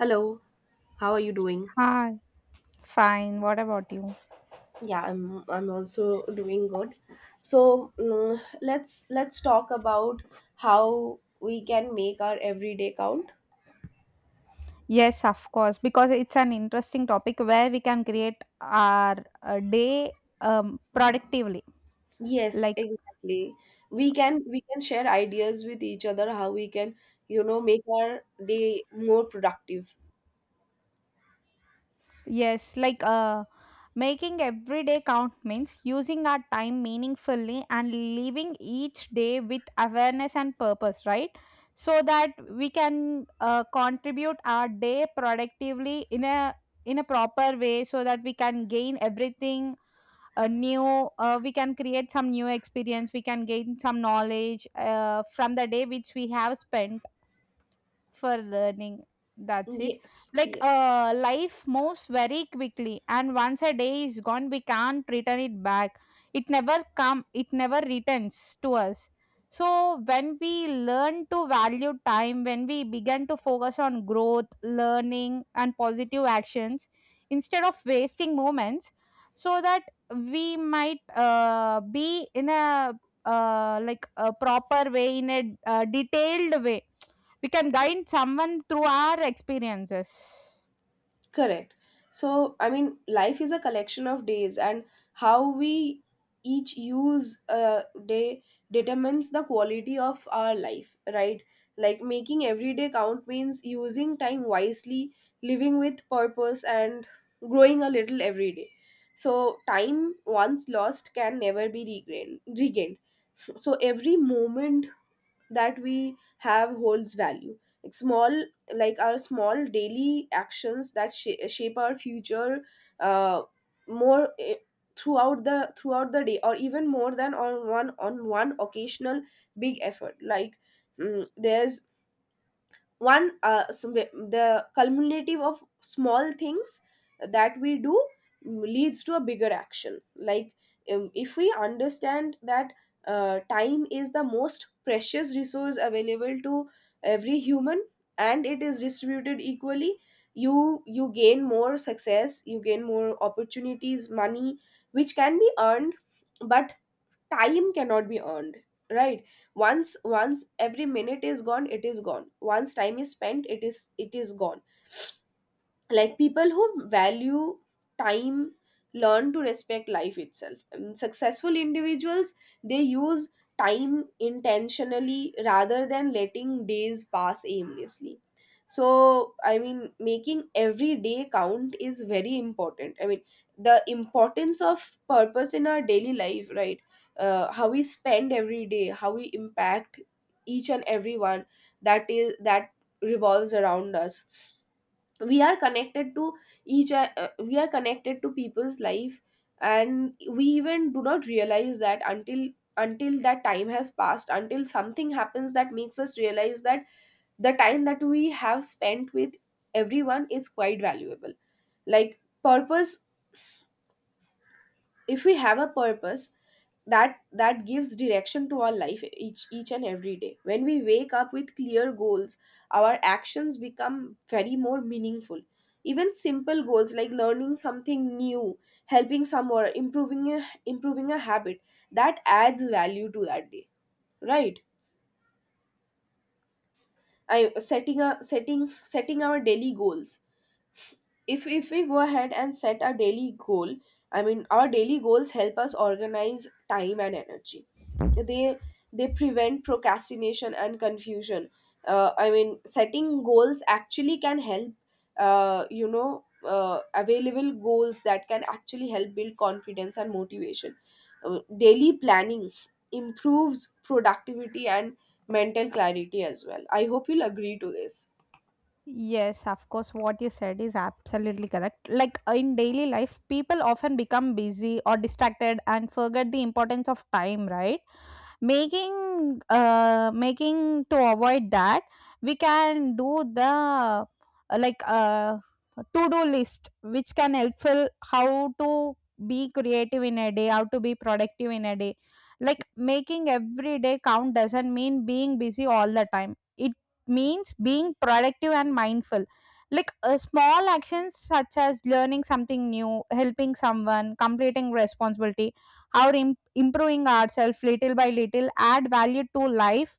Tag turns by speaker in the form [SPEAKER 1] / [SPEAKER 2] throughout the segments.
[SPEAKER 1] Hello, how are you doing?
[SPEAKER 2] Hi, fine. What about you?
[SPEAKER 1] Yeah, I'm also doing good. so mm, let's talk about how we can make our everyday count.
[SPEAKER 2] Yes, of course, because it's an interesting topic where we can create our day productively.
[SPEAKER 1] Yes,
[SPEAKER 2] Like,
[SPEAKER 1] exactly, we can share ideas with each other how we can, make our day more productive.
[SPEAKER 2] yes, like uh, Making every day count means using our time meaningfully and living each day with awareness and purpose, right? So that we can contribute our day productively in a proper way so that we can gain everything a new we can create some new experience, we can gain some knowledge from the day which we have spent for learning. That's it.
[SPEAKER 1] Yes,
[SPEAKER 2] Like
[SPEAKER 1] yes.
[SPEAKER 2] life moves very quickly, and once a day is gone we can't return it back. It never come, it never returns to us. So when we learn to value time, when we begin to focus on growth, learning and positive actions instead of wasting moments, so that we might be in a like a proper way, in a detailed way, we can guide someone through our experiences.
[SPEAKER 1] Correct. Life is a collection of days, and how we each use a day determines the quality of our life, right? Making every day count means using time wisely, living with purpose, and growing a little every day. So, time once lost can never be regained. So, every moment that we have holds value, like small like our small daily actions that shape our future uh, more, throughout the day, or even more than on one occasional big effort. Mm, there's the cumulative of small things that we do leads to a bigger action. If we understand that time is the most precious resource available to every human and it is distributed equally. You gain more success, you gain more opportunities. Money, which can be earned, but time cannot be earned, right? Once every minute is gone, it is gone. Once time is spent, it is gone. Like, people who value time learn to respect life itself, and successful individuals, they use time intentionally rather than letting days pass aimlessly. So, I mean, making every day count is very important. I mean, the importance of purpose in our daily life, right? How we spend every day, how we impact each and everyone that is that revolves around us. We are connected to each we are connected to people's life, and we even do not realize that until that time has passed, until something happens that makes us realize that the time that we have spent with everyone is quite valuable. Like, purpose, if we have a purpose, that gives direction to our life. Each and every day, when we wake up with clear goals, our actions become very more meaningful. Even simple goals like learning something new, helping someone, improving a habit, that adds value to that day, right? I setting a setting Setting our daily goals, if we go ahead and set a daily goal, I mean, our daily goals help us organize time and energy. they they prevent procrastination and confusion. I mean, setting goals actually can help, available goals that can actually help build confidence and motivation. Daily planning improves productivity and mental clarity as well. I hope you'll agree to this.
[SPEAKER 2] Yes, of course, what you said is absolutely correct. Like in daily life, people often become busy or distracted and forget the importance of time, right? Making to avoid that, we can do the like to-do list which can helpful how to be creative in a day, how to be productive in a day. Like, making every day count doesn't mean being busy all the time. It means being productive and mindful. Like small actions such as learning something new, helping someone, completing responsibility are improving ourselves little by little, add value to life.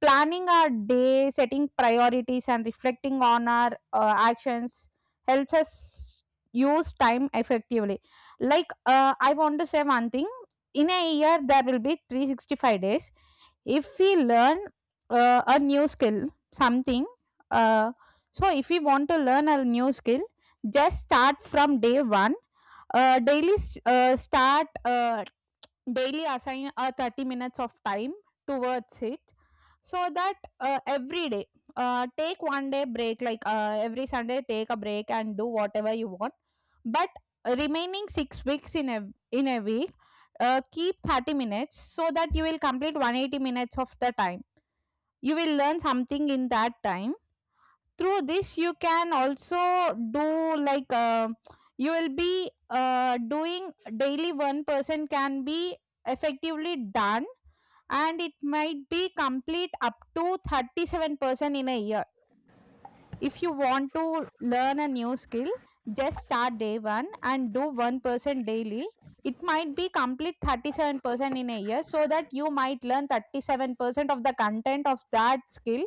[SPEAKER 2] Planning our day, setting priorities, and reflecting on our actions helps us use time effectively. Like, I want to say one thing. In a year, there will be 365 days. If we learn a new skill, something, uh, so if we want to learn a new skill, just start from day one. Daily s- start Daily assign a 30 minutes of time towards it, so that every day, take 1 day break. Like every Sunday take a break and do whatever you want. But remaining 6 weeks in a week, keep 30 minutes so that you will complete 180 minutes of the time. You will learn something in that time. Through this you can also do, like you will be doing daily 1% can be effectively done. And it might be complete up to 37% in a year. If you want to learn a new skill, just start day one and do 1% daily. It might be complete 37% in a year, so that you might learn 37% of the content of that skill.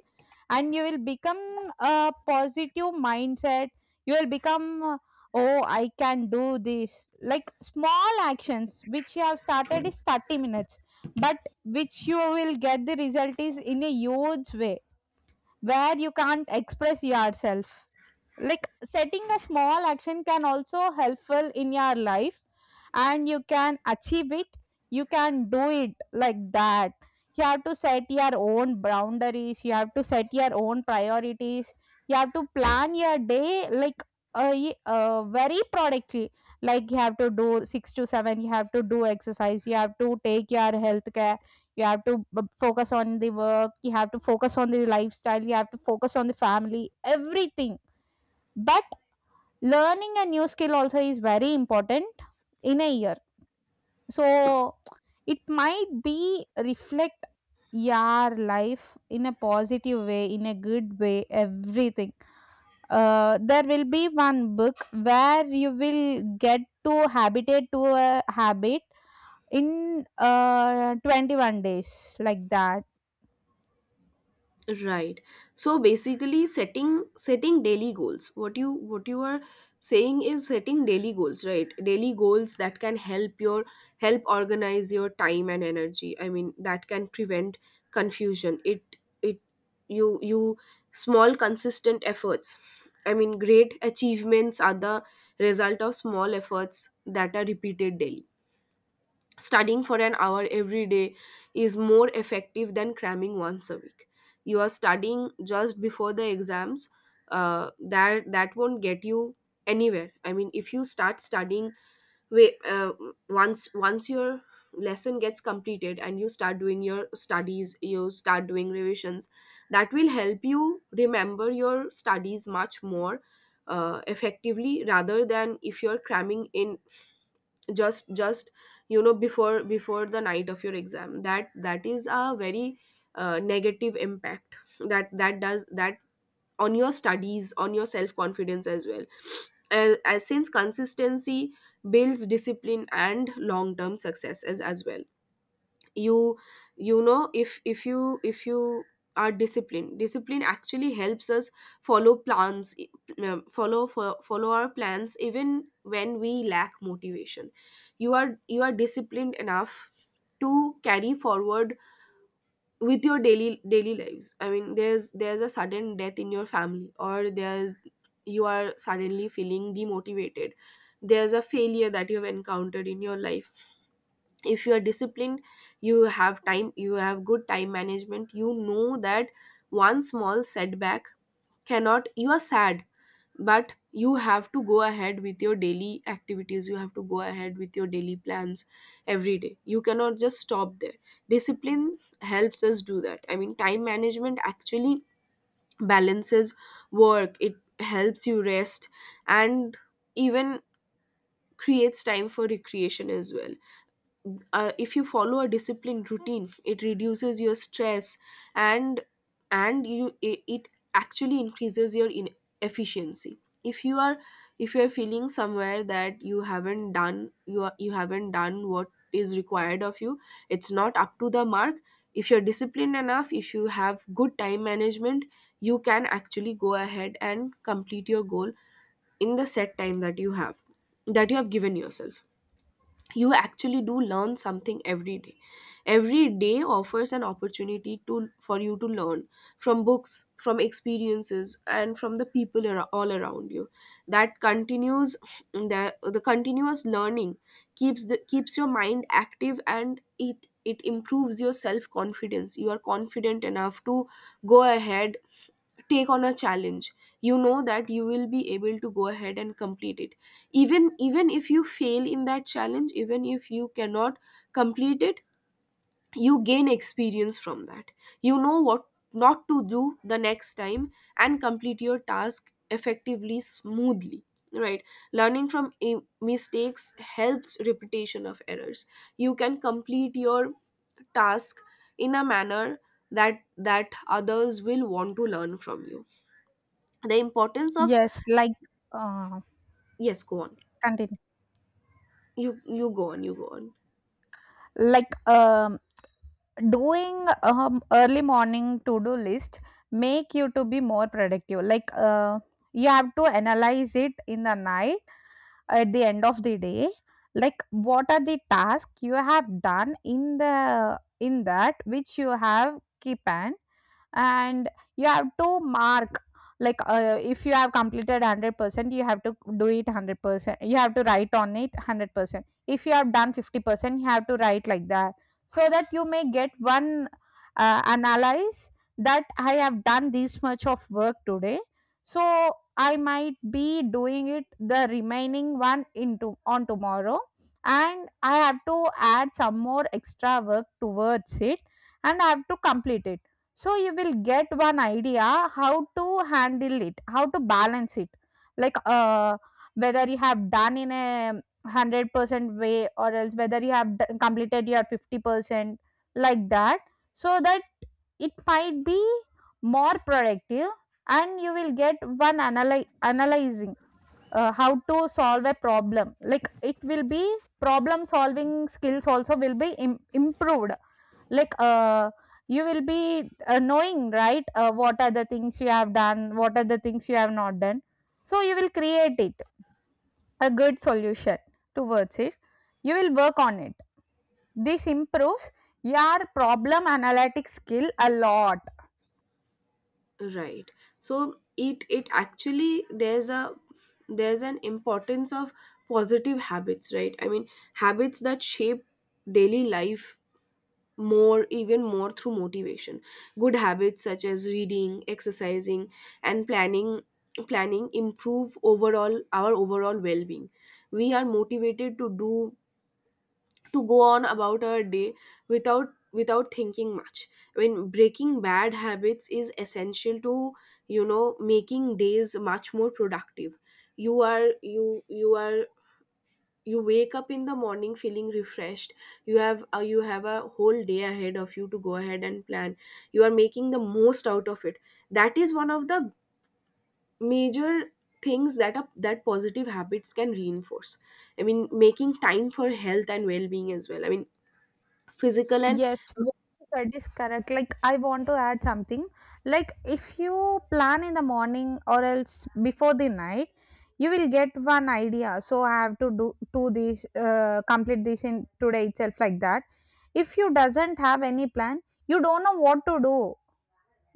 [SPEAKER 2] And you will become a positive mindset. You will become, oh I can do this. Like small actions which you have started is 30 minutes, but which you will get the result is in a huge way, where you can't express yourself. Like setting a small action can also helpful in your life, and you can achieve it. You can do it like that. You have to set your own boundaries, you have to set your own priorities, you have to plan your day, like very productively. Like you have to do 6 to 7, you have to do exercise, you have to take your health care, you have to focus on the work, you have to focus on the lifestyle, you have to focus on the family, everything. But learning a new skill also is very important in a year. So it might be reflect your life in a positive way, in a good way, everything. There will be one book where you will get to habitate to a habit in 21 days, like that.
[SPEAKER 1] Right. So basically, setting daily goals. What you are saying is setting daily goals, right? Daily goals that can help your help organize your time and energy. I mean, that can prevent confusion. It you you Small consistent efforts. I mean, great achievements are the result of small efforts that are repeated daily. Studying for an hour every day is more effective than cramming once a week. You are studying just before the exams. That won't get you anywhere. I mean, if you start studying way, uh, once your lesson gets completed and you start doing your studies, you start doing revisions. That will help you remember your studies much more effectively, rather than if you're cramming in just before the night of your exam. That is a very negative impact that that does that on your studies, on your self confidence as well, as since consistency builds discipline and long term success as well. You you know if if you are disciplined, discipline actually helps us follow plans, follow our plans even when we lack motivation. You are disciplined enough to carry forward with your daily lives. I mean, there's a sudden death in your family, or there's, you are suddenly feeling demotivated, there's a failure that you've encountered in your life. If you are disciplined, you have time, you have good time management, you know that one small setback cannot, you are sad, but you have to go ahead with your daily activities, you have to go ahead with your daily plans every day. You cannot just stop there. Discipline helps us do that. I mean, time management actually balances work, it helps you rest, and even creates time for recreation as well. If you follow a disciplined routine, it reduces your stress, and and you it actually increases your in efficiency. If you are feeling somewhere that you haven't done what is required of you, it's not up to the mark, if you're disciplined enough, if you have good time management, you can actually go ahead and complete your goal in the set time that you have, that you have given yourself. You actually do learn something every day. Every day offers an opportunity to for you to learn from books, from experiences, and from the people all around you. That continues the continuous learning keeps the keeps your mind active, and it improves your self confidence. You are confident enough to go ahead, take on a challenge. You know that you will be able to go ahead and complete it. Even if you fail in that challenge, even if you cannot complete it, you gain experience from that. You know what not to do the next time, and complete your task effectively, smoothly, right? Learning from mistakes helps repetition of errors. You can complete your task in a manner that others will want to learn from you. The importance of,
[SPEAKER 2] Yes, like uh,
[SPEAKER 1] yes, go on,
[SPEAKER 2] continue.
[SPEAKER 1] you go on.
[SPEAKER 2] Like doing early morning to-do list make you to be more productive. Like you have to analyze it in the night, at the end of the day. Like what are the tasks you have done in the in that which you have keep an, and you have to mark. Like if you have completed 100%, you have to do it 100%, you have to write on it 100%. If you have done 50%, you have to write like that. So that you may get one analyze that I have done this much of work today. So I might be doing it the remaining one into on tomorrow, and I have to add some more extra work towards it, and I have to complete it. So you will get one idea how to handle it, how to balance it. Like whether you have done in a 100% way or else whether you have completed your 50%, like that. So that it might be more productive. And you will get one analyzing how to solve a problem. Like it will be problem solving skills also will be improved. Like you will be knowing right what are the things you have done, what are the things you have not done. So you will create it a good solution towards it. You will work on it. This improves your problem analytic skill a lot.
[SPEAKER 1] Right. So it actually, there's an importance of positive habits, right? I mean, habits that shape daily life, more, even more through motivation. Good habits such as reading, exercising, and planning, improve overall our overall well-being. We are motivated to do, to go on about our day without thinking much. I mean, breaking bad habits is essential to, you know, making days much more productive. You are you you are you wake up in the morning feeling refreshed. You have you have a whole day ahead of you to go ahead and plan. You are making the most out of it. That is one of the major things that up that positive habits can reinforce. I mean, making time for health and well-being as well. I mean, physical and,
[SPEAKER 2] Yes, what you said is correct. Like I want to add something. Like if you plan in the morning or else before the night, you will get one idea, so I have to do, to this complete this in today itself, like that. If you doesn't have any plan, you don't know what to do.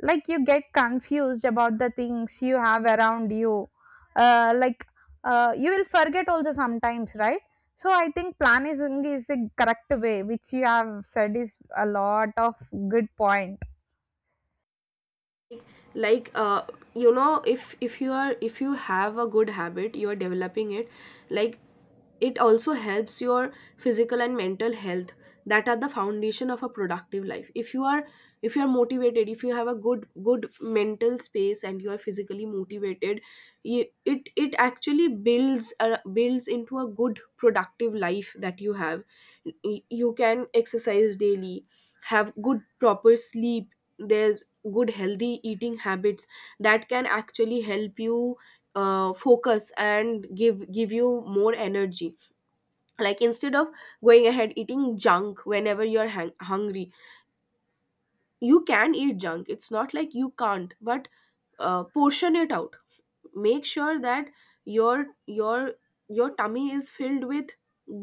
[SPEAKER 2] Like you get confused about the things you have around you. uh, like you will forget also sometimes, right? So I think planning is a correct way, which you have said is a lot of good point.
[SPEAKER 1] like you know, if you are, if you have a good habit, you are developing it, like, it also helps your physical and mental health, that are the foundation of a productive life. If you are motivated, if you have a good mental space and you are physically motivated, you, it actually builds builds into a good productive life that you have. You can exercise daily, have good proper sleep, there's good healthy eating habits that can actually help you focus and give you more energy. Like, instead of going ahead eating junk whenever you're hungry, you can eat junk, it's not like you can't, but portion it out. Make sure that your your tummy is filled with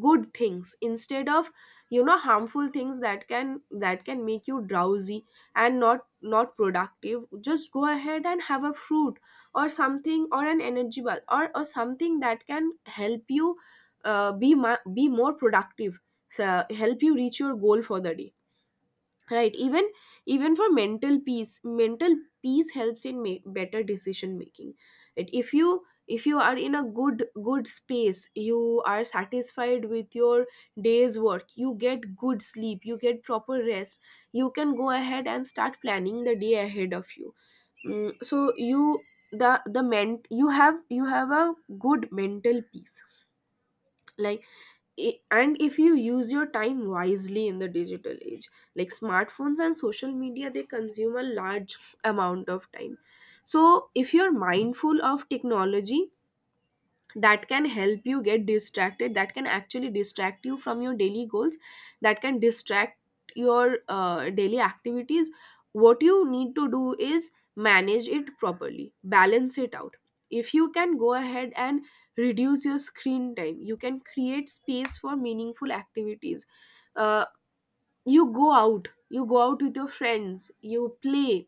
[SPEAKER 1] good things instead of, you know, harmful things that can make you drowsy and not productive. Just go ahead and have a fruit or something, or an energy bar, or something that can help you be more productive. So help you reach your goal for the day, right? Even, even for mental peace, mental peace helps in make better decision making. If you are in a good space, you are satisfied with your day's work, you get good sleep, you get proper rest, you can go ahead and start planning the day ahead of you. Mm, so you the ment You have a good mental peace. Like, and if you use your time wisely in the digital age, like smartphones and social media, they consume a large amount of time. So if you're mindful of technology, that can help you get distracted that can actually distract you from your daily goals, that can distract your daily activities. What you need to do is manage it properly, balance it out. If you can go ahead and reduce your screen time, you can create space for meaningful activities. uh, you go out with your friends, you play,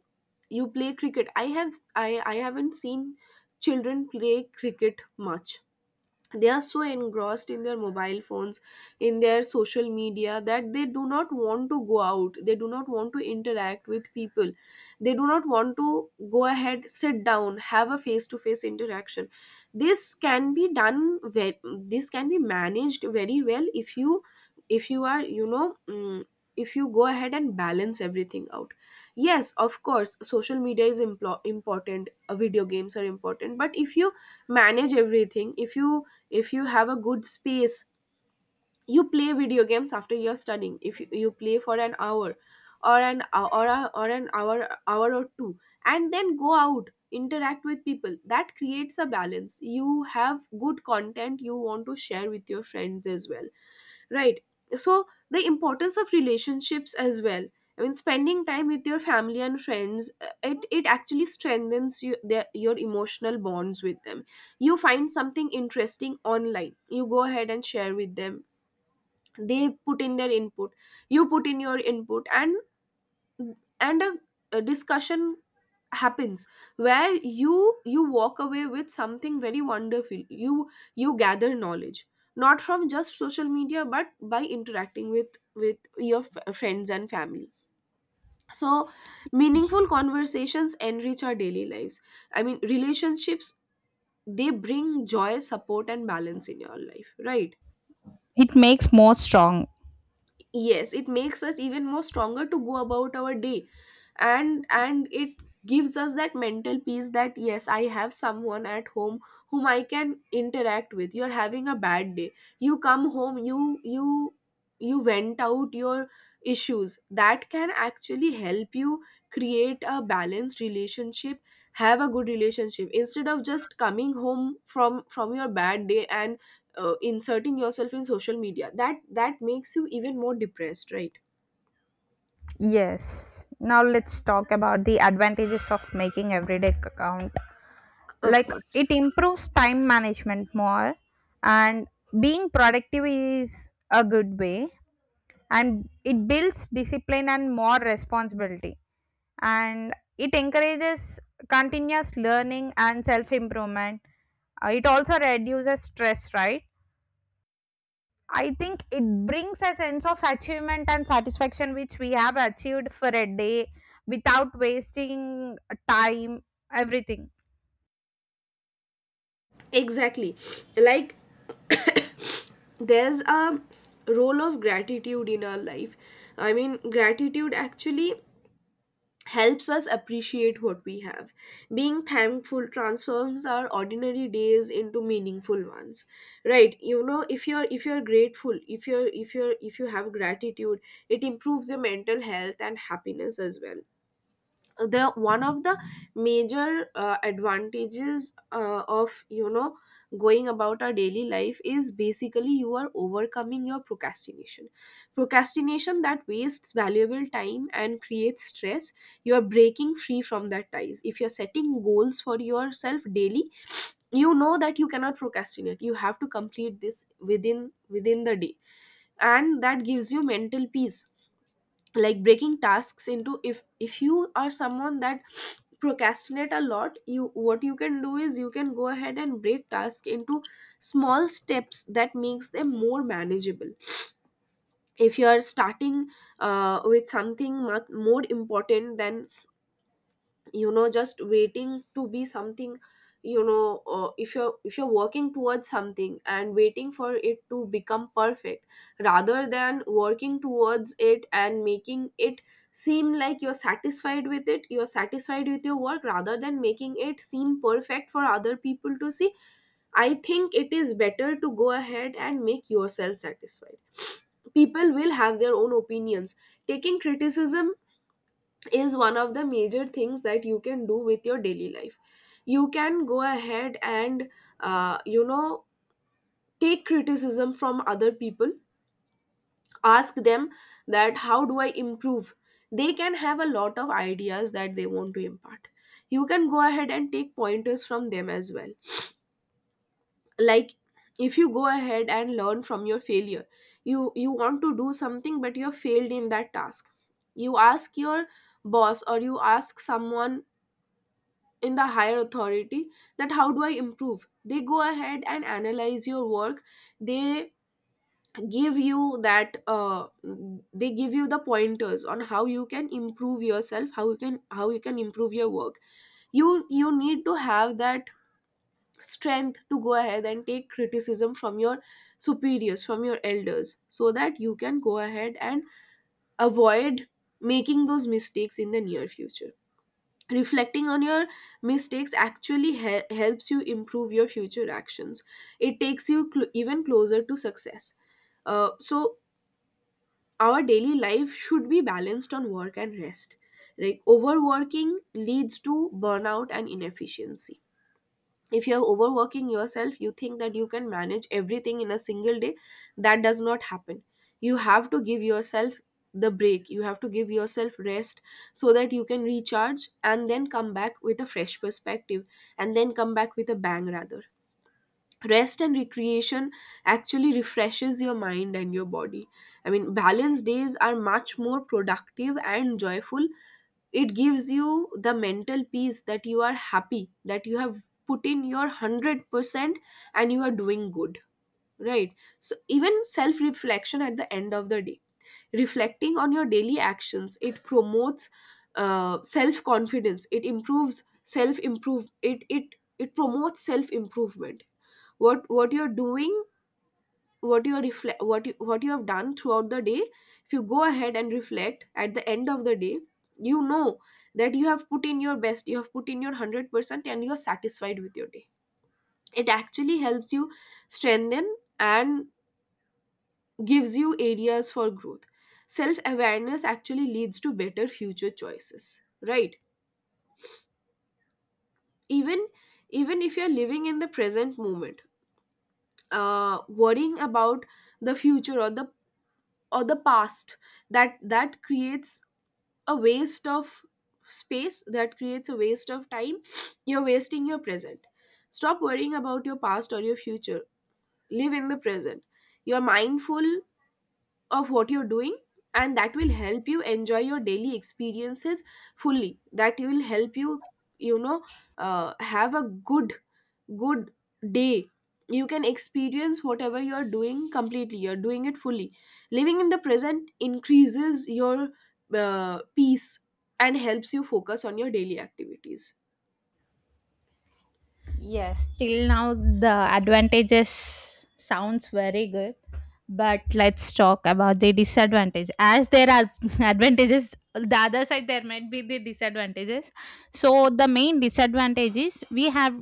[SPEAKER 1] you play cricket. I have, I haven't seen children play cricket much. They are so engrossed in their mobile phones, in their social media, that they do not want to go out, they do not want to interact with people. They do not want to go ahead, sit down, have a face to face interaction. this can be done ve- this can be managed very well if you, if you are you know mm, if you go ahead and balance everything out. Yes, of course, social media is important. Video games are important, but if you manage everything, if you have a good space, you play video games after you're studying. If you play for an hour, or an hour or two, and then go out, interact with people. That creates a balance. You have good content you want to share with your friends as well. Right. So the importance of relationships as well. I mean, spending time with your family and friends, it actually strengthens you, your emotional bonds with them. You find something interesting online, you go ahead and share with them. They put in their input, you put in your input, and and a, a discussion happens where you you walk away with something very wonderful. You gather knowledge not from just social media, but by interacting with your friends and family. So meaningful conversations enrich our daily lives. I mean, relationships, they bring joy, support and balance in your life, right?
[SPEAKER 2] It makes more strong.
[SPEAKER 1] Yes, it makes us even more stronger to go about our day, and it gives us that mental peace that yes, I have someone at home whom I can interact with. You're having a bad day, you come home, you vent out your issues. That can actually help you create a balanced relationship, have a good relationship, instead of just coming home from your bad day and inserting yourself in social media, that makes you even more depressed, right?
[SPEAKER 2] Yes. Now let's talk about the advantages of making everyday account.
[SPEAKER 1] Of
[SPEAKER 2] Like
[SPEAKER 1] course.
[SPEAKER 2] it improves time management more, and being productive is a good way, and it builds discipline and more responsibility, and it encourages continuous learning and self improvement. It also reduces stress, right? I think it brings a sense of achievement and satisfaction which we have achieved for a day without wasting time, everything.
[SPEAKER 1] Exactly. Like, there's a role of gratitude in our life. I mean, gratitude actually helps us appreciate what we have. Being thankful transforms our ordinary days into meaningful ones, right? You know, if you're grateful, if you have gratitude, it improves your mental health and happiness as well. The one of the major advantages of going about our daily life is basically you are overcoming your procrastination. Procrastination that wastes valuable time and creates stress. You are breaking free from that ties if you're setting goals for yourself daily. You know that you cannot procrastinate, you have to complete this within the day, and that gives you mental peace. Like, breaking tasks into, if you are someone that procrastinate a lot, you what you can do is you can go ahead and break tasks into small steps. That makes them more manageable. If you are starting with something much more important, then, just waiting to be something, if you're working towards something and waiting for it to become perfect, rather than working towards it and making it seem like you're satisfied with it, you're satisfied with your work, rather than making it seem perfect for other people to see. I think it is better to go ahead and make yourself satisfied. People will have their own opinions. Taking criticism is one of the major things that you can do with your daily life. You can go ahead and uh, you know take criticism from other people. Ask them, that how do I improve? They can have a lot of ideas that they want to impart. You can go ahead and take pointers from them as well. Like, if you go ahead and learn from your failure, you want to do something, but you have failed in that task. You ask your boss or you ask someone in the higher authority, that how do I improve? They go ahead and analyze your work. they give you that uh, they give you the pointers on how you can improve yourself, how you can improve your work. You need to have that strength to go ahead and take criticism from your superiors, from your elders, so that you can go ahead and avoid making those mistakes in the near future. Reflecting on your mistakes actually helps you improve your future actions. It takes you even closer to success. So our daily life should be balanced on work and rest. Like, overworking leads to burnout and inefficiency. If you're overworking yourself, you think that you can manage everything in a single day. That does not happen. You have to give yourself the break, you have to give yourself rest, so that you can recharge and then come back with a fresh perspective, and then come back with a bang, rather. Rest and recreation actually refreshes your mind and your body. I mean, balanced days are much more productive and joyful. It gives you the mental peace that you are happy, that you have put in your 100% and you are doing good, right? So even self reflection at the end of the day, reflecting on your daily actions, it promotes self confidence. It promotes self improvement. What you're doing, what you're reflect what you have done throughout the day. If you go ahead and reflect at the end of the day, you know that you have put in your best, you have put in your 100%, and you're satisfied with your day. It actually helps you strengthen and gives you areas for growth. Self awareness actually leads to better future choices, right? Even even if you're living in the present moment, worrying about the future or the past, that creates a waste of space, that creates a waste of time. You're wasting your present. Stop worrying about your past or your future. Live in the present. You're mindful of what you're doing, and that will help you enjoy your daily experiences fully. That will help you, you know have a good day. You can experience whatever you are doing completely, you're doing it fully. Living in the present increases your peace and helps you focus on your daily activities.
[SPEAKER 2] Yes, till now the advantages sounds very good. But let's talk about the disadvantage, as there are advantages the other side, there might be the disadvantages. So the main disadvantage is we have,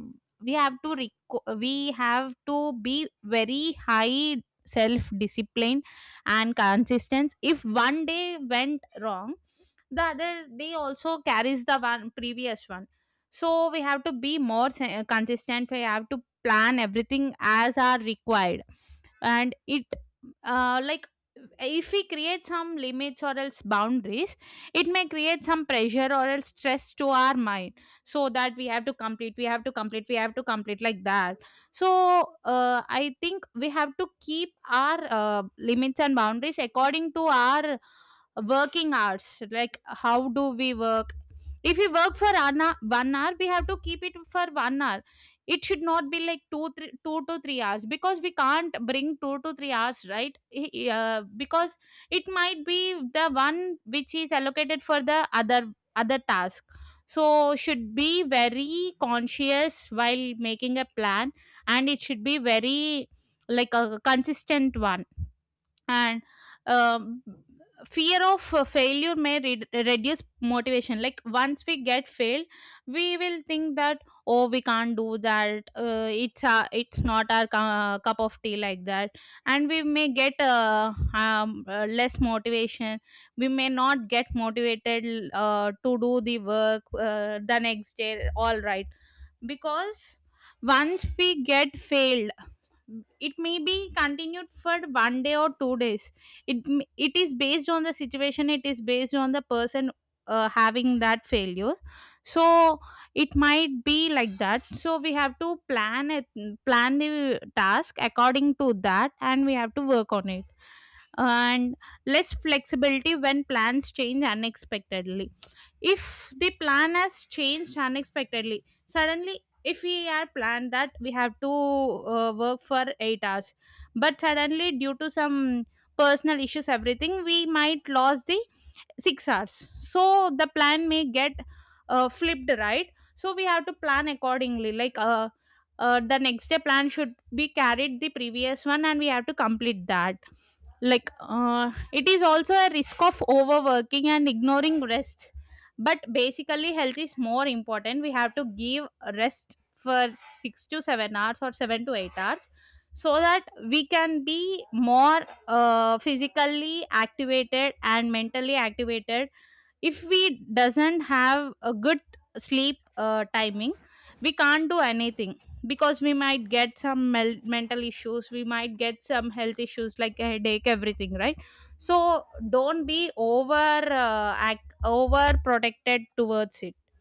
[SPEAKER 2] we have to be very high self discipline and consistence. If 1 day went wrong, the other day also carries the one previous one. So we have to be more consistent, we have to plan everything as are required. And it, like if we create some limits or else boundaries, it may create some pressure or else stress to our mind. So that we have to complete we have to complete we have to complete, like that. So I think we have to keep our limits and boundaries according to our working hours, like how do we work. If we work for an 1 hour, we have to keep it for 1 hour. It should not be like two, three, two to 3 hours, because we can't bring 2 to 3 hours, right? Because it might be the one which is allocated for the other other task. So should be very conscious while making a plan, and it should be very like a consistent one. And um, fear of failure may reduce motivation. Like once we get failed, we will think that oh we can't do that, it's not our cup of tea, like that. And we may get less motivation. We may not get motivated to do the work the next day, all right? Because once we get failed, it may be continued for 1 day or 2 days. It is based on the situation, it is based on the person having that failure. So it might be like that, so we have to plan it, plan the task according to that, and we have to work on it. And less flexibility when plans change unexpectedly. If the plan has changed unexpectedly suddenly, if we had planned that we have to work for 8 hours, but suddenly due to some personal issues everything, we might lose the 6 hours. So the plan may get flipped, right? So we have to plan accordingly, like the next day plan should be carried the previous one, and we have to complete that. Like it is also a risk of overworking and ignoring rest. But basically health is more important. We have to give rest for 6 to 7 hours or 7 to 8 hours, so that we can be more physically activated and mentally activated. If we doesn't have a good sleep timing, we can't do anything. Because we might get some mental issues, we might get some health issues like headache, everything, right? So don't be over act over protected towards it.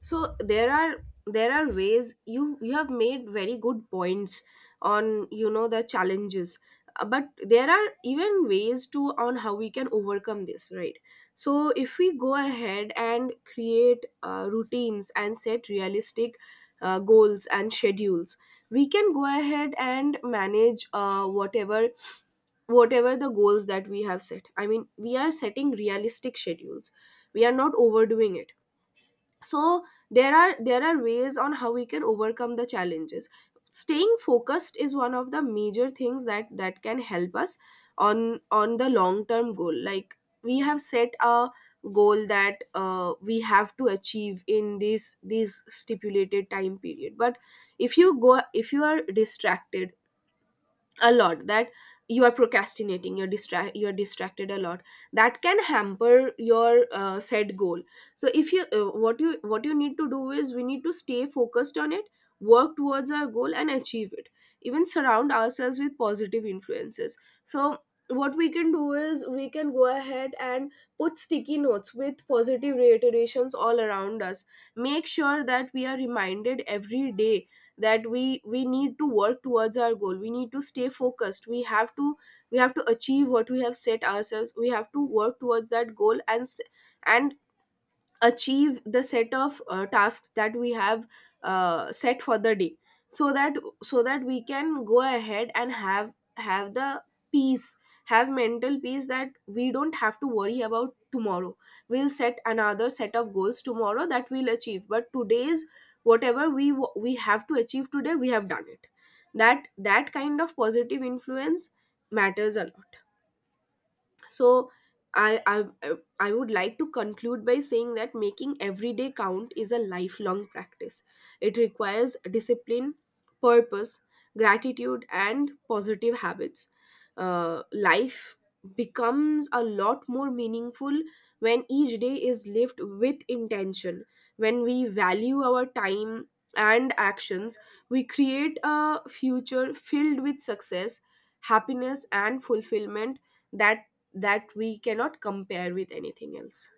[SPEAKER 1] So there are ways. You have made very good points on, the challenges. But there are even ways to on how we can overcome this, right? So, if we go ahead and create routines and set realistic goals and schedules, we can go ahead and manage whatever the goals that we have set. I mean, we are setting realistic schedules, we are not overdoing it. So, there are ways on how we can overcome the challenges. Staying focused is one of the major things that can help us on the long term goal. Like, we have set a goal that, we have to achieve in this stipulated time period. But if you go if you are distracted a lot, that you are procrastinating, you're distracted a lot. That can hamper your set goal. So if you what you need to do is we need to stay focused on it. Work towards our goal and achieve it. Even surround ourselves with positive influences. So what we can do is we can go ahead and put sticky notes with positive reiterations all around us. Make sure that we are reminded every day that we need to work towards our goal. We need to stay focused. We have to achieve what we have set ourselves. We have to work towards that goal, and achieve the set of tasks that we have set for the day. So that so that we can go ahead and have the peace, have mental peace that we don't have to worry about tomorrow. We'll set another set of goals tomorrow that we'll achieve, but today's, we have to achieve today, we have done it. That kind of positive influence matters a lot. So, I, I i I would like to conclude by saying that making every day count is a lifelong practice. It requires discipline, purpose, gratitude and positive habits. Life becomes a lot more meaningful when each day is lived with intention, when we value our time and actions, we create a future filled with success, happiness, and fulfillment that that we cannot compare with anything else.